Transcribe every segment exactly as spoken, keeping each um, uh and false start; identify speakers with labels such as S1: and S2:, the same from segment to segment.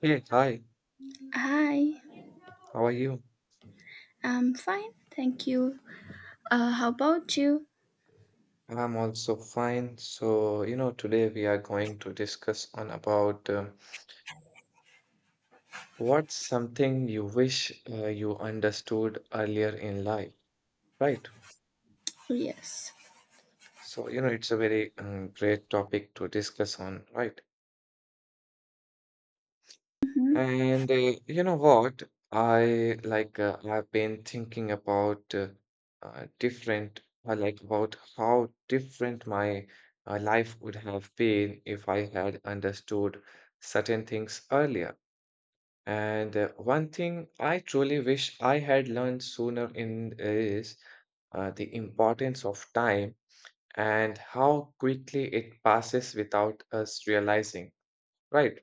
S1: Hey, hi,
S2: Hi,
S1: how are you?
S2: I'm fine, thank you. Uh, how about you?
S1: I'm also fine. So, you know, today we are going to discuss on about uh, what's something you wish uh, you understood earlier in life, right?
S2: Yes.
S1: So, you know, it's a very um, great topic to discuss on, right?
S2: Mhm.
S1: And uh, you know what? I like uh, I've been thinking about uh, uh, different I like about how different my uh, life would have been if I had understood certain things earlier. And uh, one thing I truly wish I had learned sooner in is uh, the importance of time and how quickly it passes without us realizing, right?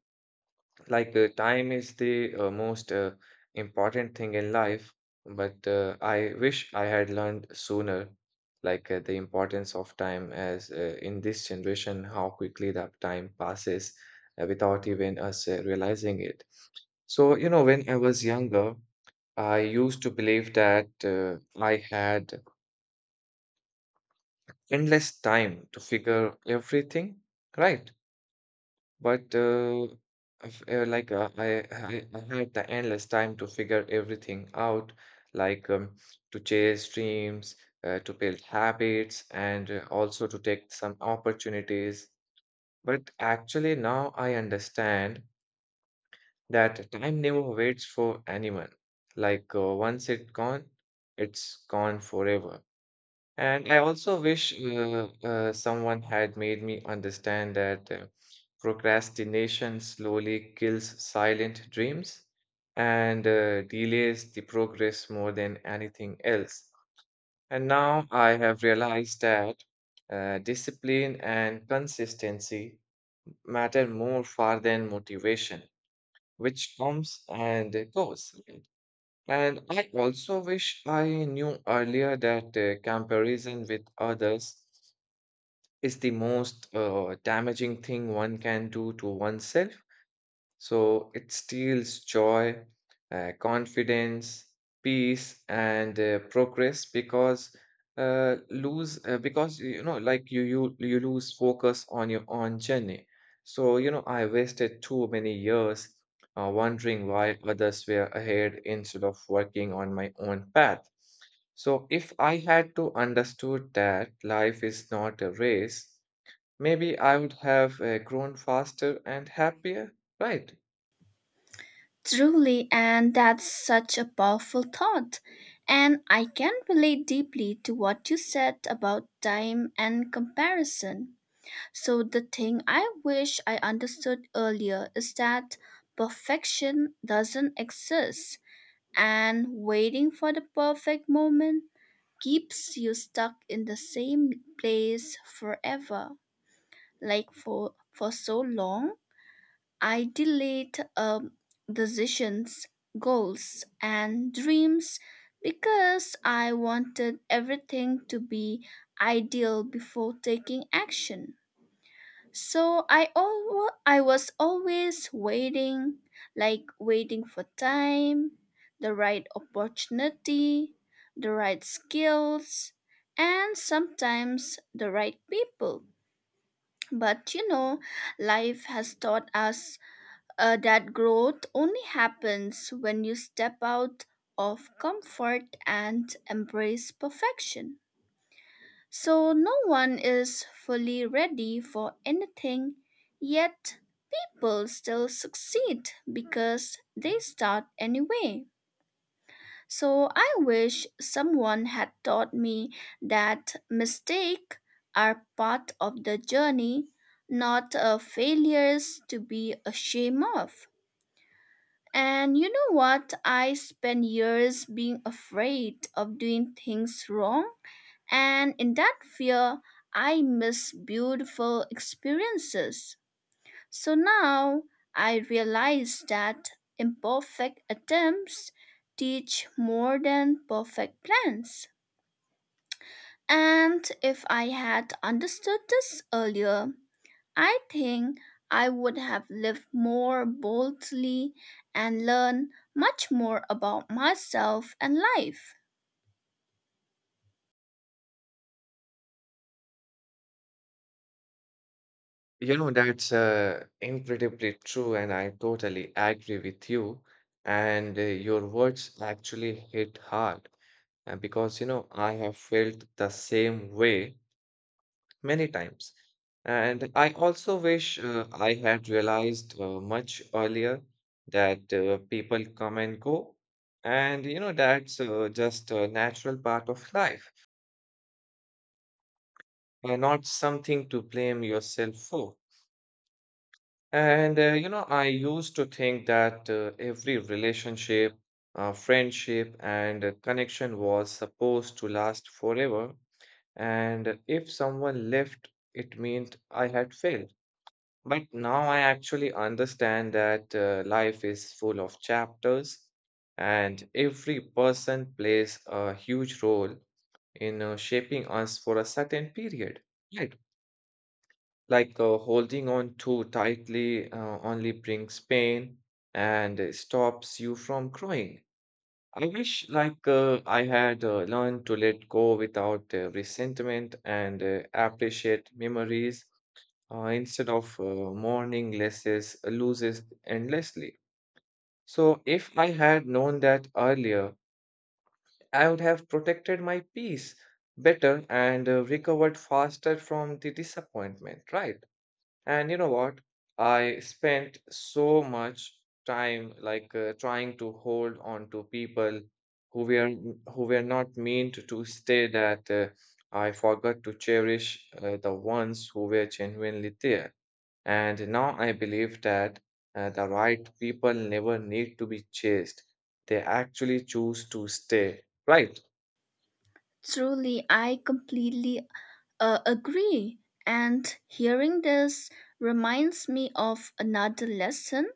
S1: Like uh, time is the uh, most uh, important thing in life, but uh, I wish I had learned sooner, like uh, the importance of time, as uh, in this generation, how quickly that time passes uh, without even us uh, realizing it. So, you know, when I was younger, I used to believe that uh, I had endless time to figure everything, right? But uh, of- uh, like uh, I, I I had the endless time to figure everything out, like um, to chase dreams, uh, to build habits, and uh, also to take some opportunities. But actually, now I understand that time never waits for anyone. Like uh, once it's gone, it's gone forever. And I also wish uh, uh, someone had made me understand that uh, procrastination slowly kills silent dreams and uh, delays the progress more than anything else. And now I have realized that uh, discipline and consistency matter more far than motivation, which comes and goes. And I also wish I knew earlier that uh, comparison with others is the most uh, damaging thing one can do to oneself. So it steals joy, uh, confidence, peace, and uh, progress because uh, lose uh, because you know like you you you lose focus on your own journey. So you know I wasted too many years uh, wondering why others were ahead instead of working on my own path. So if I had to understood that life is not a race, maybe I would have uh, grown faster and happier, right?
S2: Truly, and that's such a powerful thought. And I can relate deeply to what you said about time and comparison. So, the thing I wish I understood earlier is that perfection doesn't exist, and waiting for the perfect moment keeps you stuck in the same place forever. Like for for so long I delayed um, decisions, goals, and dreams because I wanted everything to be ideal before taking action. So i al- I was always waiting, like waiting for time, the right opportunity, the right skills, and sometimes the right people. But you know, life has taught us uh, that growth only happens when you step out of comfort and embrace perfection. So no one is fully ready for anything, yet people still succeed because they start anyway. So I wish someone had taught me that mistakes are part of the journey, not uh, failures to be ashamed of. And you know what? I spent years being afraid of doing things wrong. And in that fear, I miss beautiful experiences. So now I realize that imperfect attempts teach more than perfect plans. And if I had understood this earlier, I think I would have lived more boldly and learned much more about myself and life.
S1: You know, that's uh, incredibly true, and I totally agree with you. And uh, your words actually hit hard uh, because, you know, I have felt the same way many times. And I also wish uh, I had realized uh, much earlier that uh, people come and go. And you know, that's uh, just a natural part of life and not something to blame yourself for. And uh, you know, I used to think that uh, every relationship, uh, friendship, and uh, connection was supposed to last forever. And if someone left, it meant I had failed. But now I actually understand that uh, life is full of chapters, and every person plays a huge role in uh, shaping us for a certain period. Right. Like uh, holding on too tightly uh, only brings pain and uh, stops you from growing. I wish like uh, I had uh, learned to let go without uh, resentment and uh, appreciate memories uh, instead of uh, mourning losses, loses endlessly. So, if I had known that earlier, I would have protected my peace better and uh, recovered faster from the disappointment, right? And you know what? I spent so much time like uh, trying to hold on to people who were who were not meant to stay that uh, I forgot to cherish uh, the ones who were genuinely there. And now I believe that uh, the right people never need to be chased. They actually choose to stay, right?
S2: Truly, I completely uh, agree. And hearing this reminds me of another lesson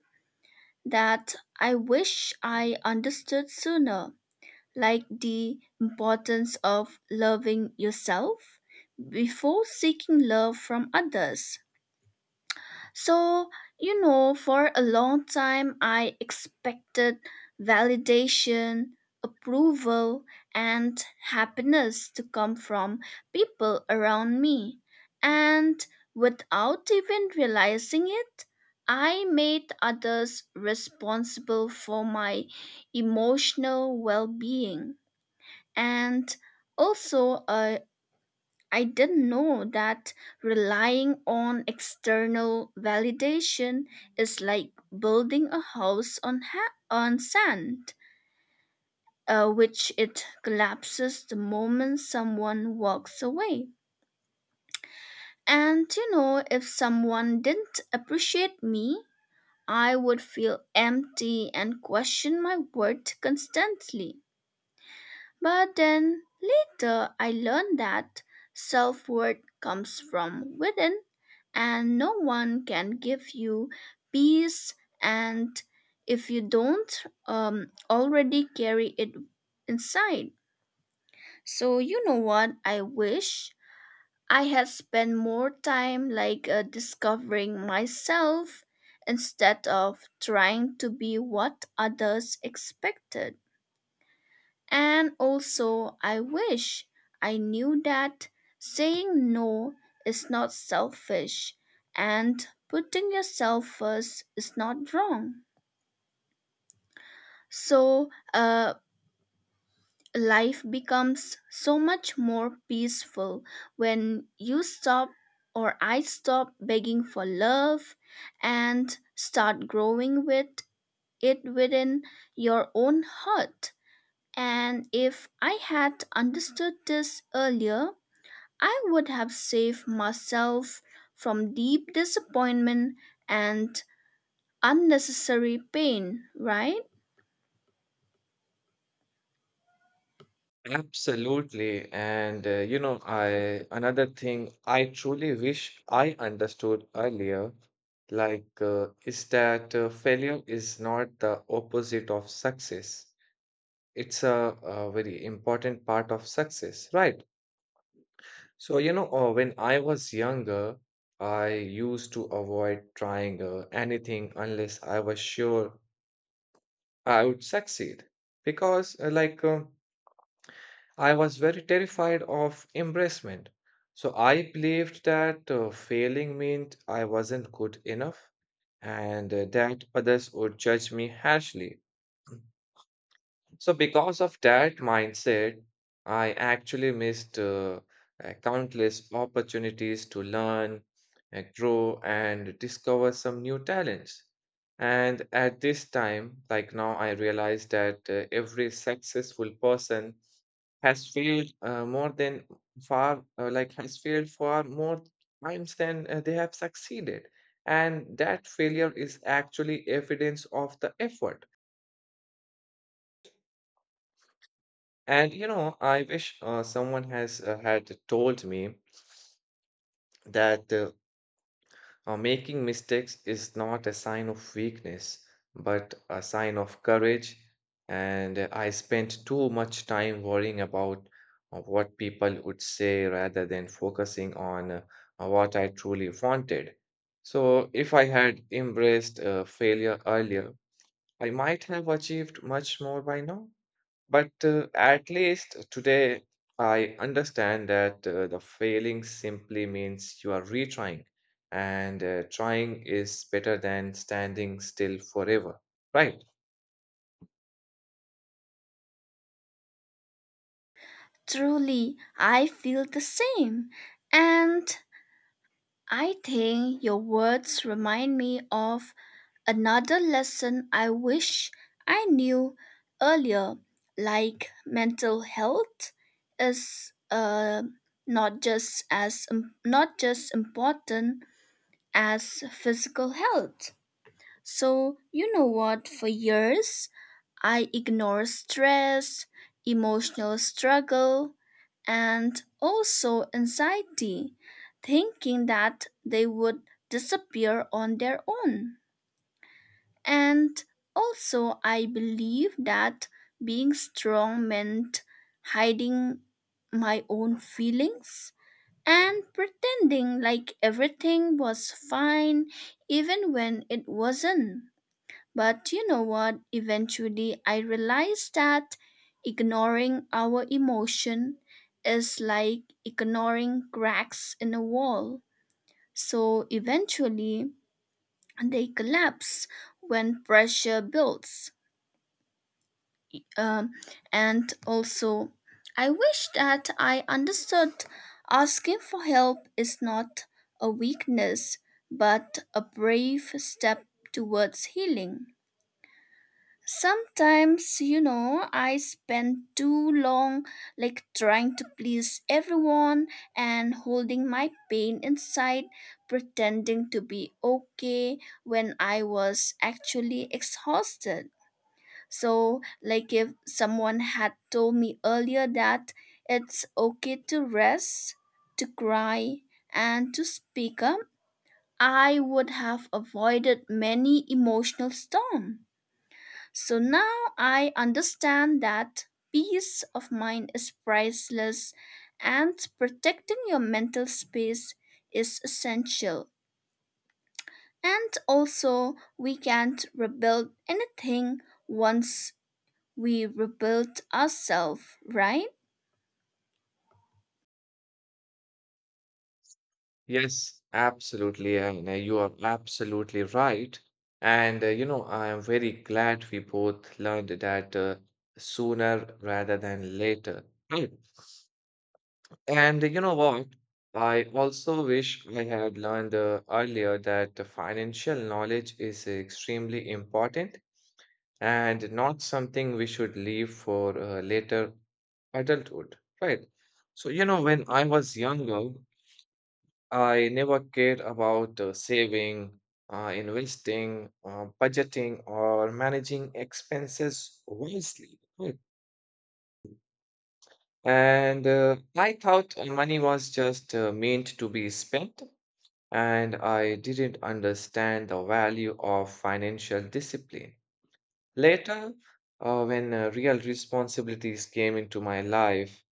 S2: that I wish I understood sooner, like the importance of loving yourself before seeking love from others. So, you know, for a long time, I expected validation, approval, and happiness to come from people around me. And without even realizing it, I made others responsible for my emotional well being. And also, uh, I didn't know that relying on external validation is like building a house on ha- on sand, uh, which it collapses the moment someone walks away. And you know, if someone didn't appreciate me, I would feel empty and question my worth constantly. But then later I learned that self worth comes from within, and no one can give you peace. And if you don't um, already carry it inside, so you know what? I wish I had spent more time like uh, discovering myself instead of trying to be what others expected. And also, I wish I knew that saying no is not selfish and putting yourself first is not wrong. So, uh, life becomes so much more peaceful when you stop, or I stop begging for love and start growing with it within your own heart. And if I had understood this earlier, I would have saved myself from deep disappointment and unnecessary pain, right?
S1: Absolutely. And uh, you know, I another thing I truly wish I understood earlier, like uh, is that uh, failure is not the opposite of success. It's a, a very important part of success, right? So, you know, uh, when I was younger, I used to avoid trying uh, anything unless I was sure I would succeed because, uh, like, uh, I was very terrified of embarrassment. So, I believed that uh, failing meant I wasn't good enough and uh, that others would judge me harshly. So, because of that mindset, I actually missed uh, uh, countless opportunities to learn, uh, grow, and discover some new talents. And at this time, like now, I realize that uh, every successful person has failed uh, more than far, uh, like has failed far more times than uh, they have succeeded. And that failure is actually evidence of the effort. And you know, I wish uh, someone has uh, had told me that uh, uh, making mistakes is not a sign of weakness, but a sign of courage. And uh, I spent too much time worrying about uh, what people would say rather than focusing on uh, uh, what I truly wanted. So, if I had embraced uh, failure earlier, I might have achieved much more by now. But uh, at least today, I understand that uh, the failing simply means you are retrying, and uh, trying is better than standing still forever, right?
S2: Truly, I feel the same. And I think your words remind me of another lesson I wish I knew earlier, like mental health is uh, not just as not just important as physical health. So, you know what? For years, I ignored stress, emotional struggle, and also anxiety, thinking that they would disappear on their own. And also, I believe that being strong meant hiding my own feelings and pretending like everything was fine even when it wasn't. But you know what? Eventually, I realized that ignoring our emotion is like ignoring cracks in a wall. So eventually, they collapse when pressure builds. Um, and also, I wish that I understood asking for help is not a weakness, but a brave step towards healing. Sometimes, you know, I spend too long like trying to please everyone and holding my pain inside, pretending to be okay when I was actually exhausted. So, like, if someone had told me earlier that it's okay to rest, to cry, and to speak up, I would have avoided many emotional storms. So now I understand that peace of mind is priceless and protecting your mental space is essential. And also, we can't rebuild anything once we rebuild ourselves, right?
S1: Yes, absolutely. And uh, you are absolutely right. And uh, you know, I am very glad we both learned that uh, sooner rather than later, right? And you know what? I also wish I had learned uh, earlier that the financial knowledge is extremely important and not something we should leave for uh, later adulthood, right? So, you know, when I was younger, I never cared about uh, saving, uh, investing, uh, budgeting, or managing expenses wisely, right? And uh, I thought uh, money was just uh, meant to be spent and I didn't understand the value of financial discipline. Later, uh, when uh, real responsibilities came into my life,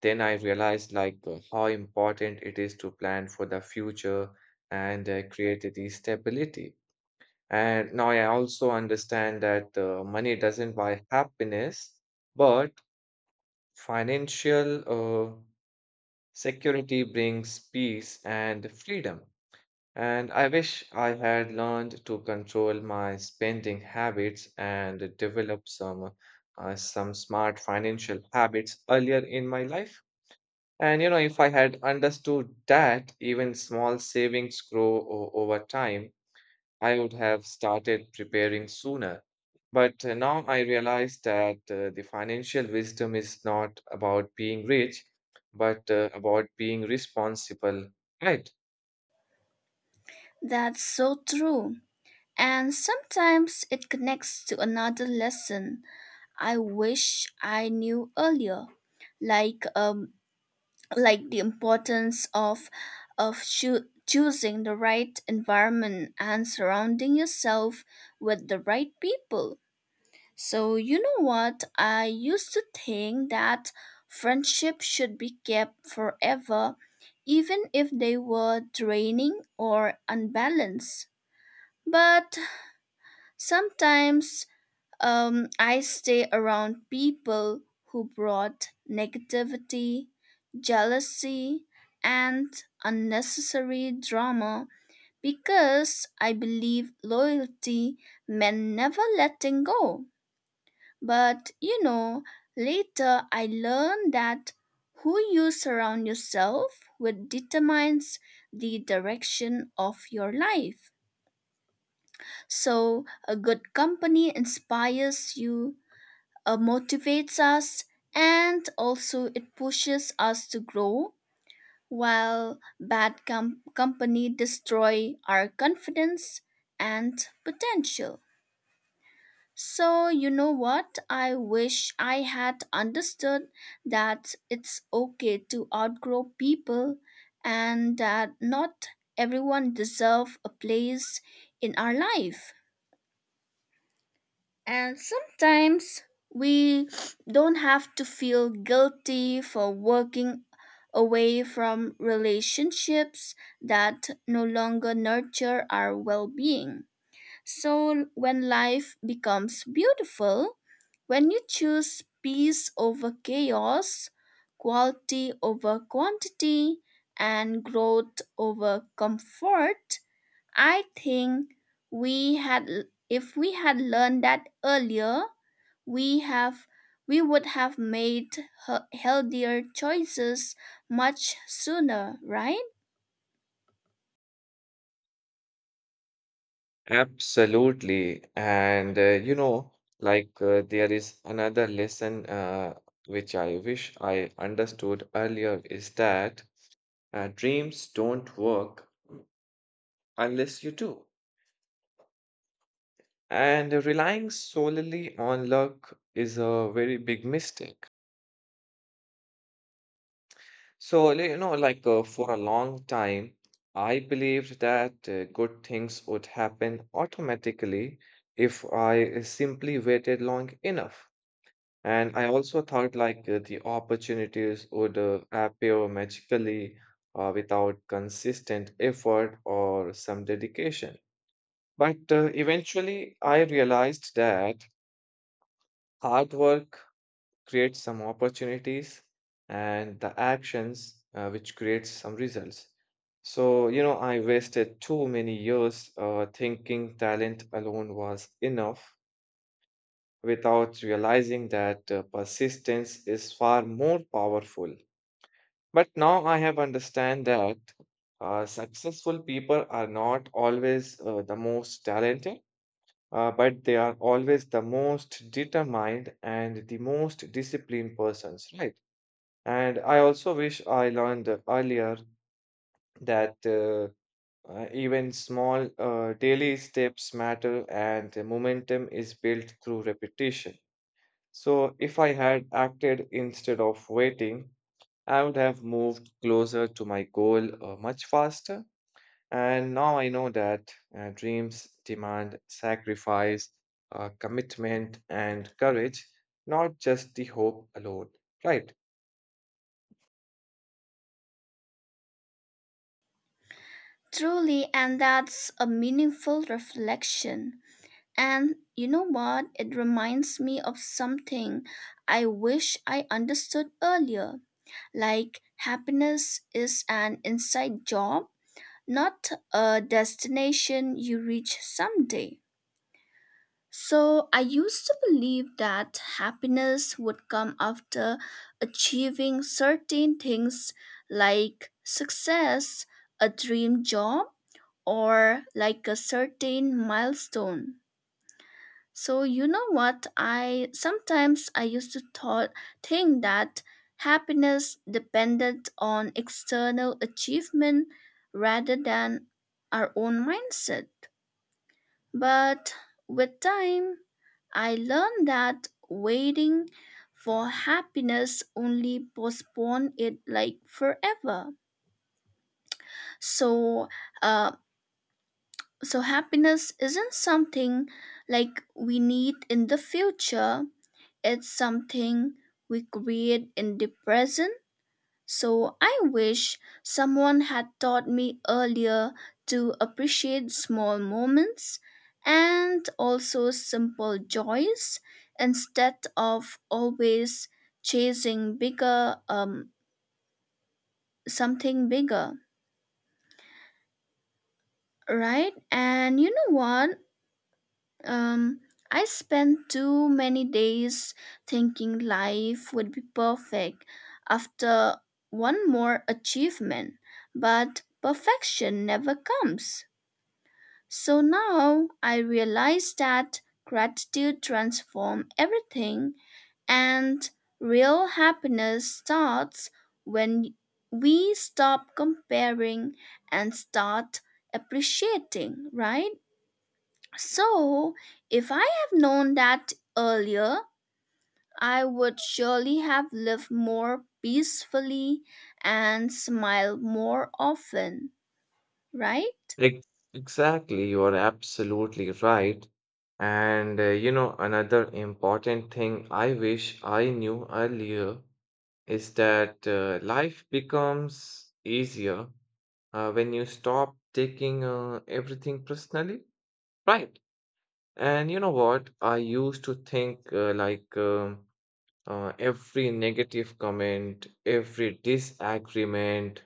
S1: then I realized like uh, how important it is to plan for the future and uh, create the stability. And now I also understand that uh, money doesn't buy happiness, but financial uh, security brings peace and freedom. And I wish I had learned to control my spending habits and develop some uh, some smart financial habits earlier in my life. And you know, if I had understood that even small savings grow o- over time, I would have started preparing sooner. But uh, now I realize that uh, the financial wisdom is not about being rich, but uh, about being responsible, right?
S2: That's so true. And sometimes it connects to another lesson I wish I knew earlier, like um, like the importance of of choo- choosing the right environment and surrounding yourself with the right people. So you know what? I used to think that friendship should be kept forever even if they were draining or unbalanced. But sometimes um, I stay around people who brought negativity, jealousy, and unnecessary drama because I believe loyalty meant never letting go. But you know, later I learned that who you surround yourself with determines the direction of your life. So, a good company inspires you, uh, motivates us, and also it pushes us to grow, while bad com- company destroy our confidence and potential. So you know what? I wish I had understood that it's okay to outgrow people and that not everyone deserve a place in our life. And sometimes we don't have to feel guilty for working away from relationships that no longer nurture our well being. So when life becomes beautiful, when you choose peace over chaos, quality over quantity, and growth over comfort, I think we had if we had learned that earlier, we have we would have made he- healthier choices much sooner, right?
S1: Absolutely. And uh, you know, like uh, there is another lesson uh, which I wish I understood earlier is that uh, dreams don't work unless you do. And relying solely on luck is a very big mistake. So, you know, like uh, for a long time, I believed that uh, good things would happen automatically if I simply waited long enough. And I also thought like uh, the opportunities would uh, appear magically uh, without consistent effort or some dedication. But uh, eventually, I realized that hard work creates some opportunities and the actions uh, which creates some results. So, you know, I wasted too many years uh, thinking talent alone was enough without realizing that uh, persistence is far more powerful. But now I have understand that uh, successful people are not always uh, the most talented, uh, but they are always the most determined and the most disciplined persons, right? And I also wish I learned earlier that uh, uh, even small uh, daily steps matter and the momentum is built through repetition. So, if I had acted instead of waiting, I would have moved closer to my goal uh, much faster. And now I know that uh, dreams demand sacrifice, uh, commitment, and courage, not just the hope alone. Right?
S2: Truly, and that's a meaningful reflection. And you know what? It reminds me of something I wish I understood earlier. Like, happiness is an inside job, not a destination you reach someday. So I used to believe that happiness would come after achieving certain things like success, a dream job, or like a certain milestone. So you know what? I sometimes I used to thought think that happiness depended on external achievement rather than our own mindset. But with time, I learned that waiting for happiness only postpone it like forever. So, uh, so happiness isn't something like we need in the future. It's something we create in the present. So I wish someone had taught me earlier to appreciate small moments and also simple joys instead of always chasing bigger um something bigger, right? And you know what? Um, I spent too many days thinking life would be perfect after one more achievement, but perfection never comes. So now I realize that gratitude transforms everything and real happiness starts when we stop comparing and start appreciating, right? So, if I have known that earlier, I would surely have lived more peacefully and smiled more often, right?
S1: Ex- Exactly, you are absolutely right. And uh, you know, another important thing I wish I knew earlier is that uh, life becomes easier uh, when you stop taking uh, everything personally, right? And you know what, I used to think uh, like um, uh, every negative comment, every disagreement,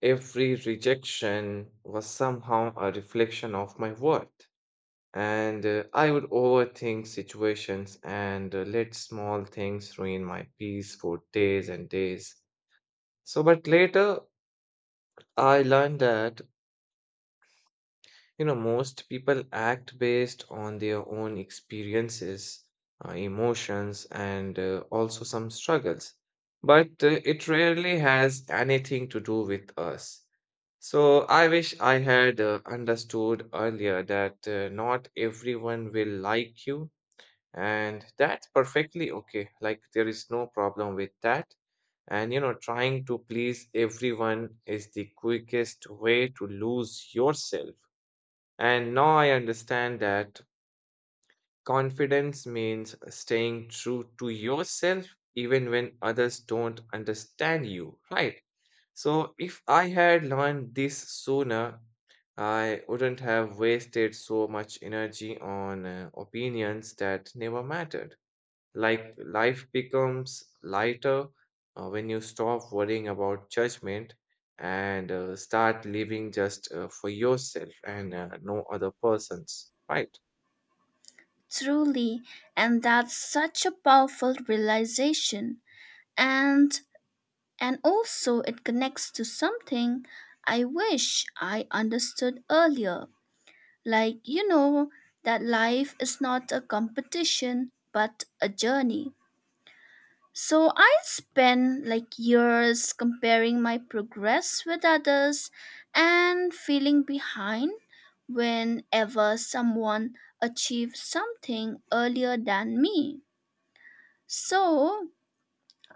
S1: every rejection was somehow a reflection of my worth, and uh, I would overthink situations and uh, let small things ruin my peace for days and days. So but later I learned that, you know, most people act based on their own experiences, uh, emotions, and uh, also some struggles. But uh, it rarely has anything to do with us. So I wish I had uh, understood earlier that uh, not everyone will like you, and that's perfectly okay. Like, there is no problem with that. And you know, trying to please everyone is the quickest way to lose yourself. And now I understand that confidence means staying true to yourself even when others don't understand you, right? So if I had learned this sooner, I wouldn't have wasted so much energy on uh, opinions that never mattered. Like life becomes lighter uh, when you stop worrying about judgment and uh, start living just uh, for yourself and uh, no other persons, right?
S2: Truly, and that's such a powerful realization. And and also it connects to something I wish I understood earlier. Like, you know, that life is not a competition but a journey. So I spend like years comparing my progress with others and feeling behind whenever someone achieves something earlier than me. So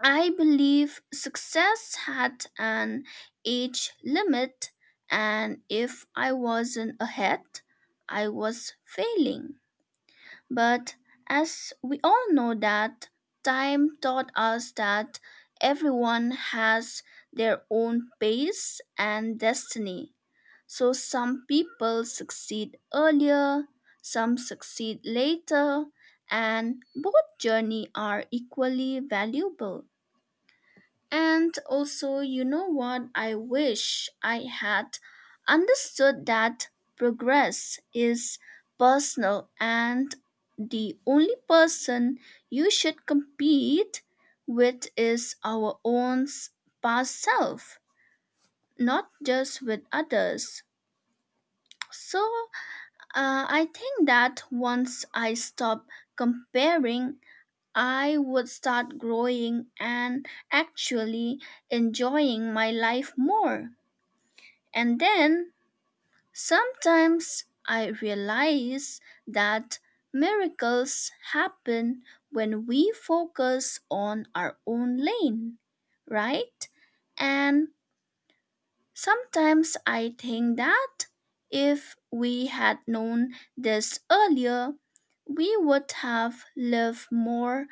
S2: I believe success had an age limit, and if I wasn't ahead, I was failing. But as we all know that time taught us that everyone has their own pace and destiny. So some people succeed earlier, some succeed later, and both journey are equally valuable. And also, you know what? I wish I had understood that progress is personal and the only person you should compete with is our own s- past self, not just with others. So, uh, I think that once I stop comparing I would start growing and actually enjoying my life more. And then sometimes I realize that miracles happen when we focus on our own lane, right? And sometimes I think that if we had known this earlier, we would have lived more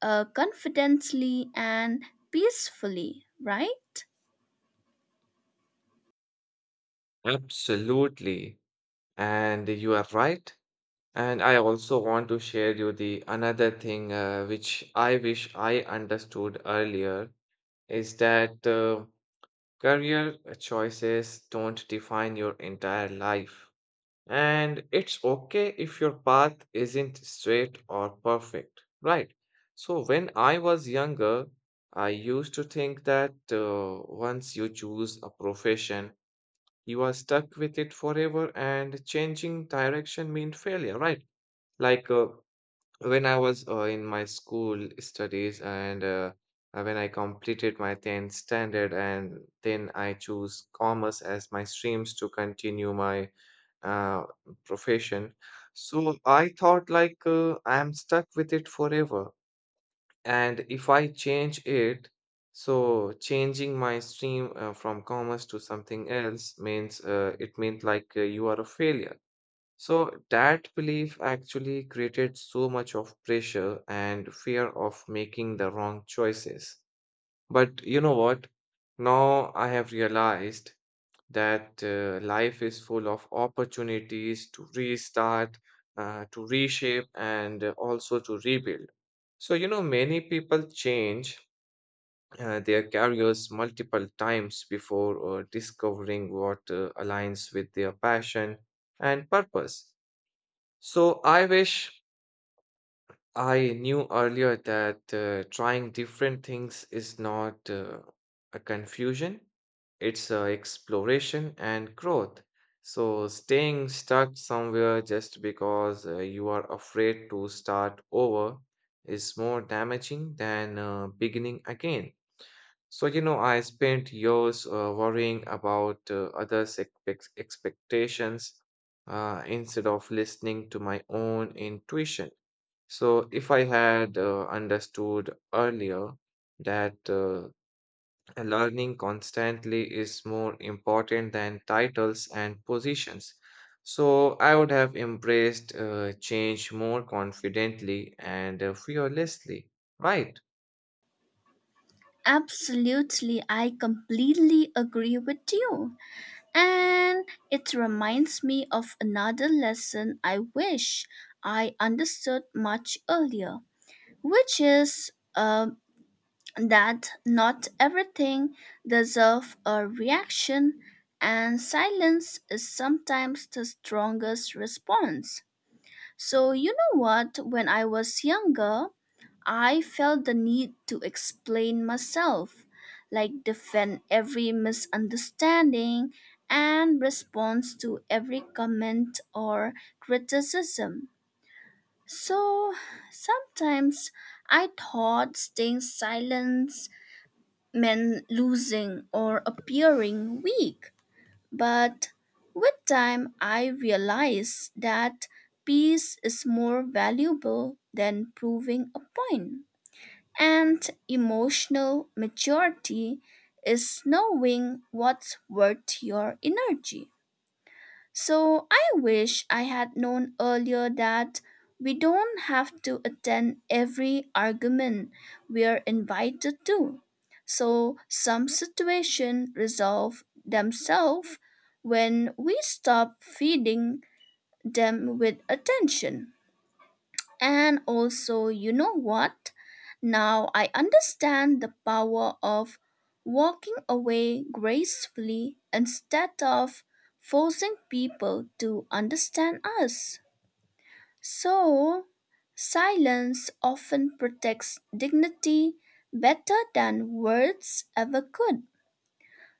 S2: uh, confidently and peacefully, right?
S1: Absolutely. And you are right. And I also want to share you the another thing uh, which I wish I understood earlier is that uh, career choices don't define your entire life. And it's okay if your path isn't straight or perfect, right? So, when I was younger, I used to think that uh, once you choose a profession, you are stuck with it forever, and changing direction means failure, right? Like uh, when I was uh, in my school studies, and uh, uh, when I completed my tenth standard, and then I choose commerce as my streams to continue my uh, profession. So I thought like uh, I'm stuck with it forever. And if I change it, so changing my stream uh, from commerce to something else means uh, it meant like uh, you are a failure. So that belief actually created so much of pressure and fear of making the wrong choices. But you know what? Now I have realized that uh, life is full of opportunities to restart, uh, to reshape, and uh, also to rebuild. So, you know, many people change uh, their careers multiple times before uh, discovering what uh, aligns with their passion and purpose. So, I wish I knew earlier that uh, trying different things is not uh, a confusion, it's uh, exploration and growth. So, staying stuck somewhere just because uh, you are afraid to start over is more damaging than uh, beginning again. So, you know, I spent years uh, worrying about uh, others' expect- expectations uh, instead of listening to my own intuition. So, if I had uh, understood earlier that uh, learning constantly is more important than titles and positions, so I would have embraced uh, change more confidently and uh, fearlessly, right?
S2: Absolutely, I completely agree with you. And it reminds me of another lesson I wish I understood much earlier, which is uh, that not everything deserves a reaction, and silence is sometimes the strongest response. So, you know what? When I was younger, I felt the need to explain myself, like defend every misunderstanding and respond to every comment or criticism. So sometimes I thought staying silent men losing or appearing weak. But with time, I realized that peace is more valuable than proving a point. And emotional maturity is knowing what's worth your energy. So I wish I had known earlier that we don't have to attend every argument we are invited to. So some situations resolve themselves when we stop feeding them with attention. And also, you know what? Now I understand the power of walking away gracefully instead of forcing people to understand us. So, silence often protects dignity better than words ever could.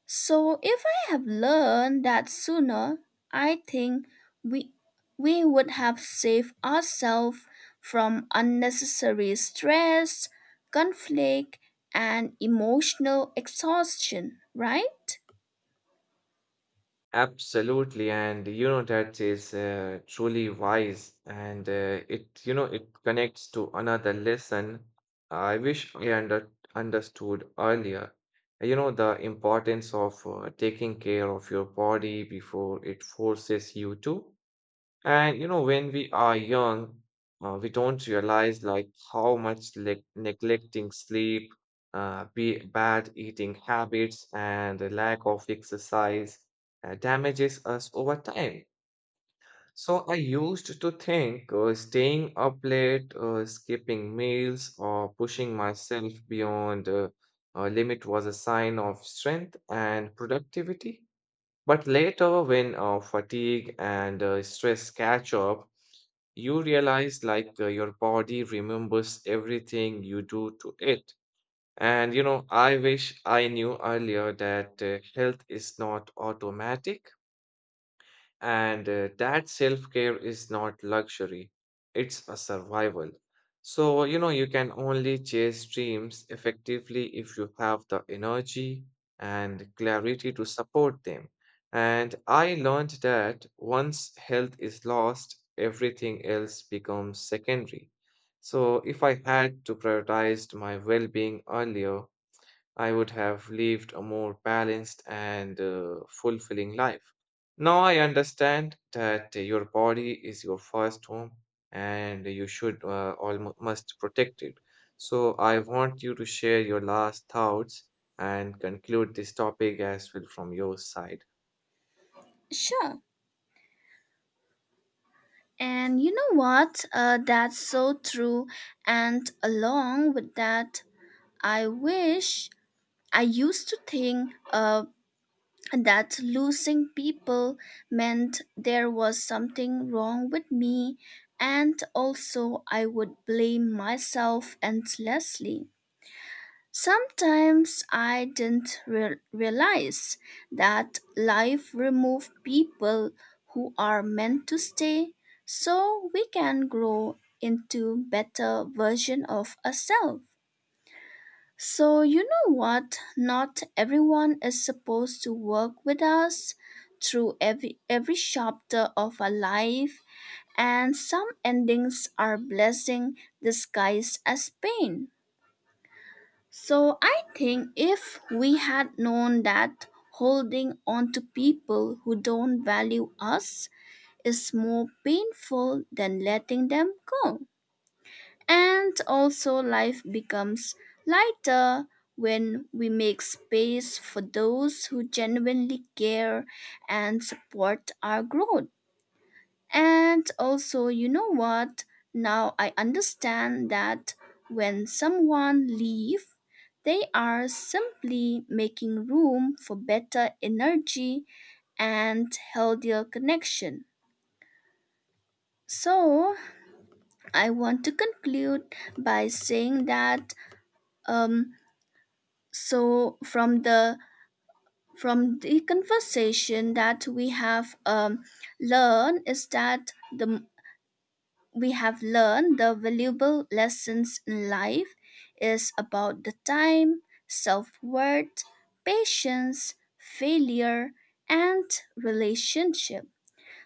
S2: So if I have learned that sooner, I think we we would have saved ourselves from unnecessary stress, conflict, and emotional exhaustion, right?
S1: Absolutely, and you know that is uh, truly wise, and uh, it you know it connects to another lesson I wish I under understood earlier. You know the importance of uh, taking care of your body before it forces you to. And you know, when we are young, uh, we don't realize like how much neg- neglecting sleep, uh, be bad eating habits, and the lack of exercise uh, damages us over time. So I used to think uh, staying up late, uh, skipping meals, or pushing myself beyond uh, a limit was a sign of strength and productivity. But later, when uh, fatigue and uh, stress catch up, you realize like uh, your body remembers everything you do to it. And you know, I wish I knew earlier that uh, health is not automatic. And uh, that self care is not luxury, it's a survival. So, you know, you can only chase dreams effectively if you have the energy and clarity to support them. And I learned that once health is lost, everything else becomes secondary. So, if I had to prioritize my well being earlier, I would have lived a more balanced and uh, fulfilling life. Now I understand that your body is your first home and you should uh, almost must protect it. So I want you to share your last thoughts and conclude this topic as well from your side.
S2: Sure. And you know what? Uh, that's so true. And along with that, I wish I used to think uh, that losing people meant there was something wrong with me, and also I would blame myself endlessly. Sometimes I didn't re- realize that life removed people who are meant to stay so we can grow into better version of ourselves. So, you know what? Not everyone is supposed to work with us through every, every chapter of our life, and some endings are blessing disguised as pain. So, I think if we had known that holding on to people who don't value us is more painful than letting them go. And also, life becomes lighter when we make space for those who genuinely care and support our growth. And also, you know what? Now I understand that when someone leaves, they are simply making room for better energy and healthier connection. So, I want to conclude by saying that um, so from the from the conversation that we have um, learned is that the we have learned the valuable lessons in life is about the time, self-worth, patience, failure, and relationship.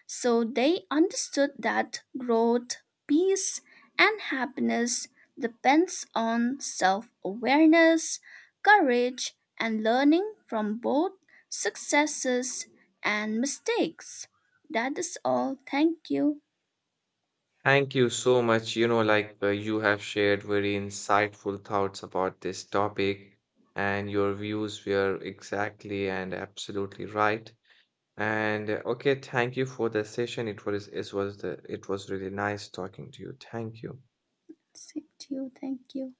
S2: So they understood that growth, peace, and happiness depends on self-awareness, courage, and learning from both successes and mistakes. That is all. Thank you.
S1: Thank you so much. You know, like uh, you have shared very insightful thoughts about this topic, and your views were exactly and absolutely right. And uh, okay, thank you for the session. It was it was the it was really nice talking to you. Thank you.
S2: Same to you. Thank you.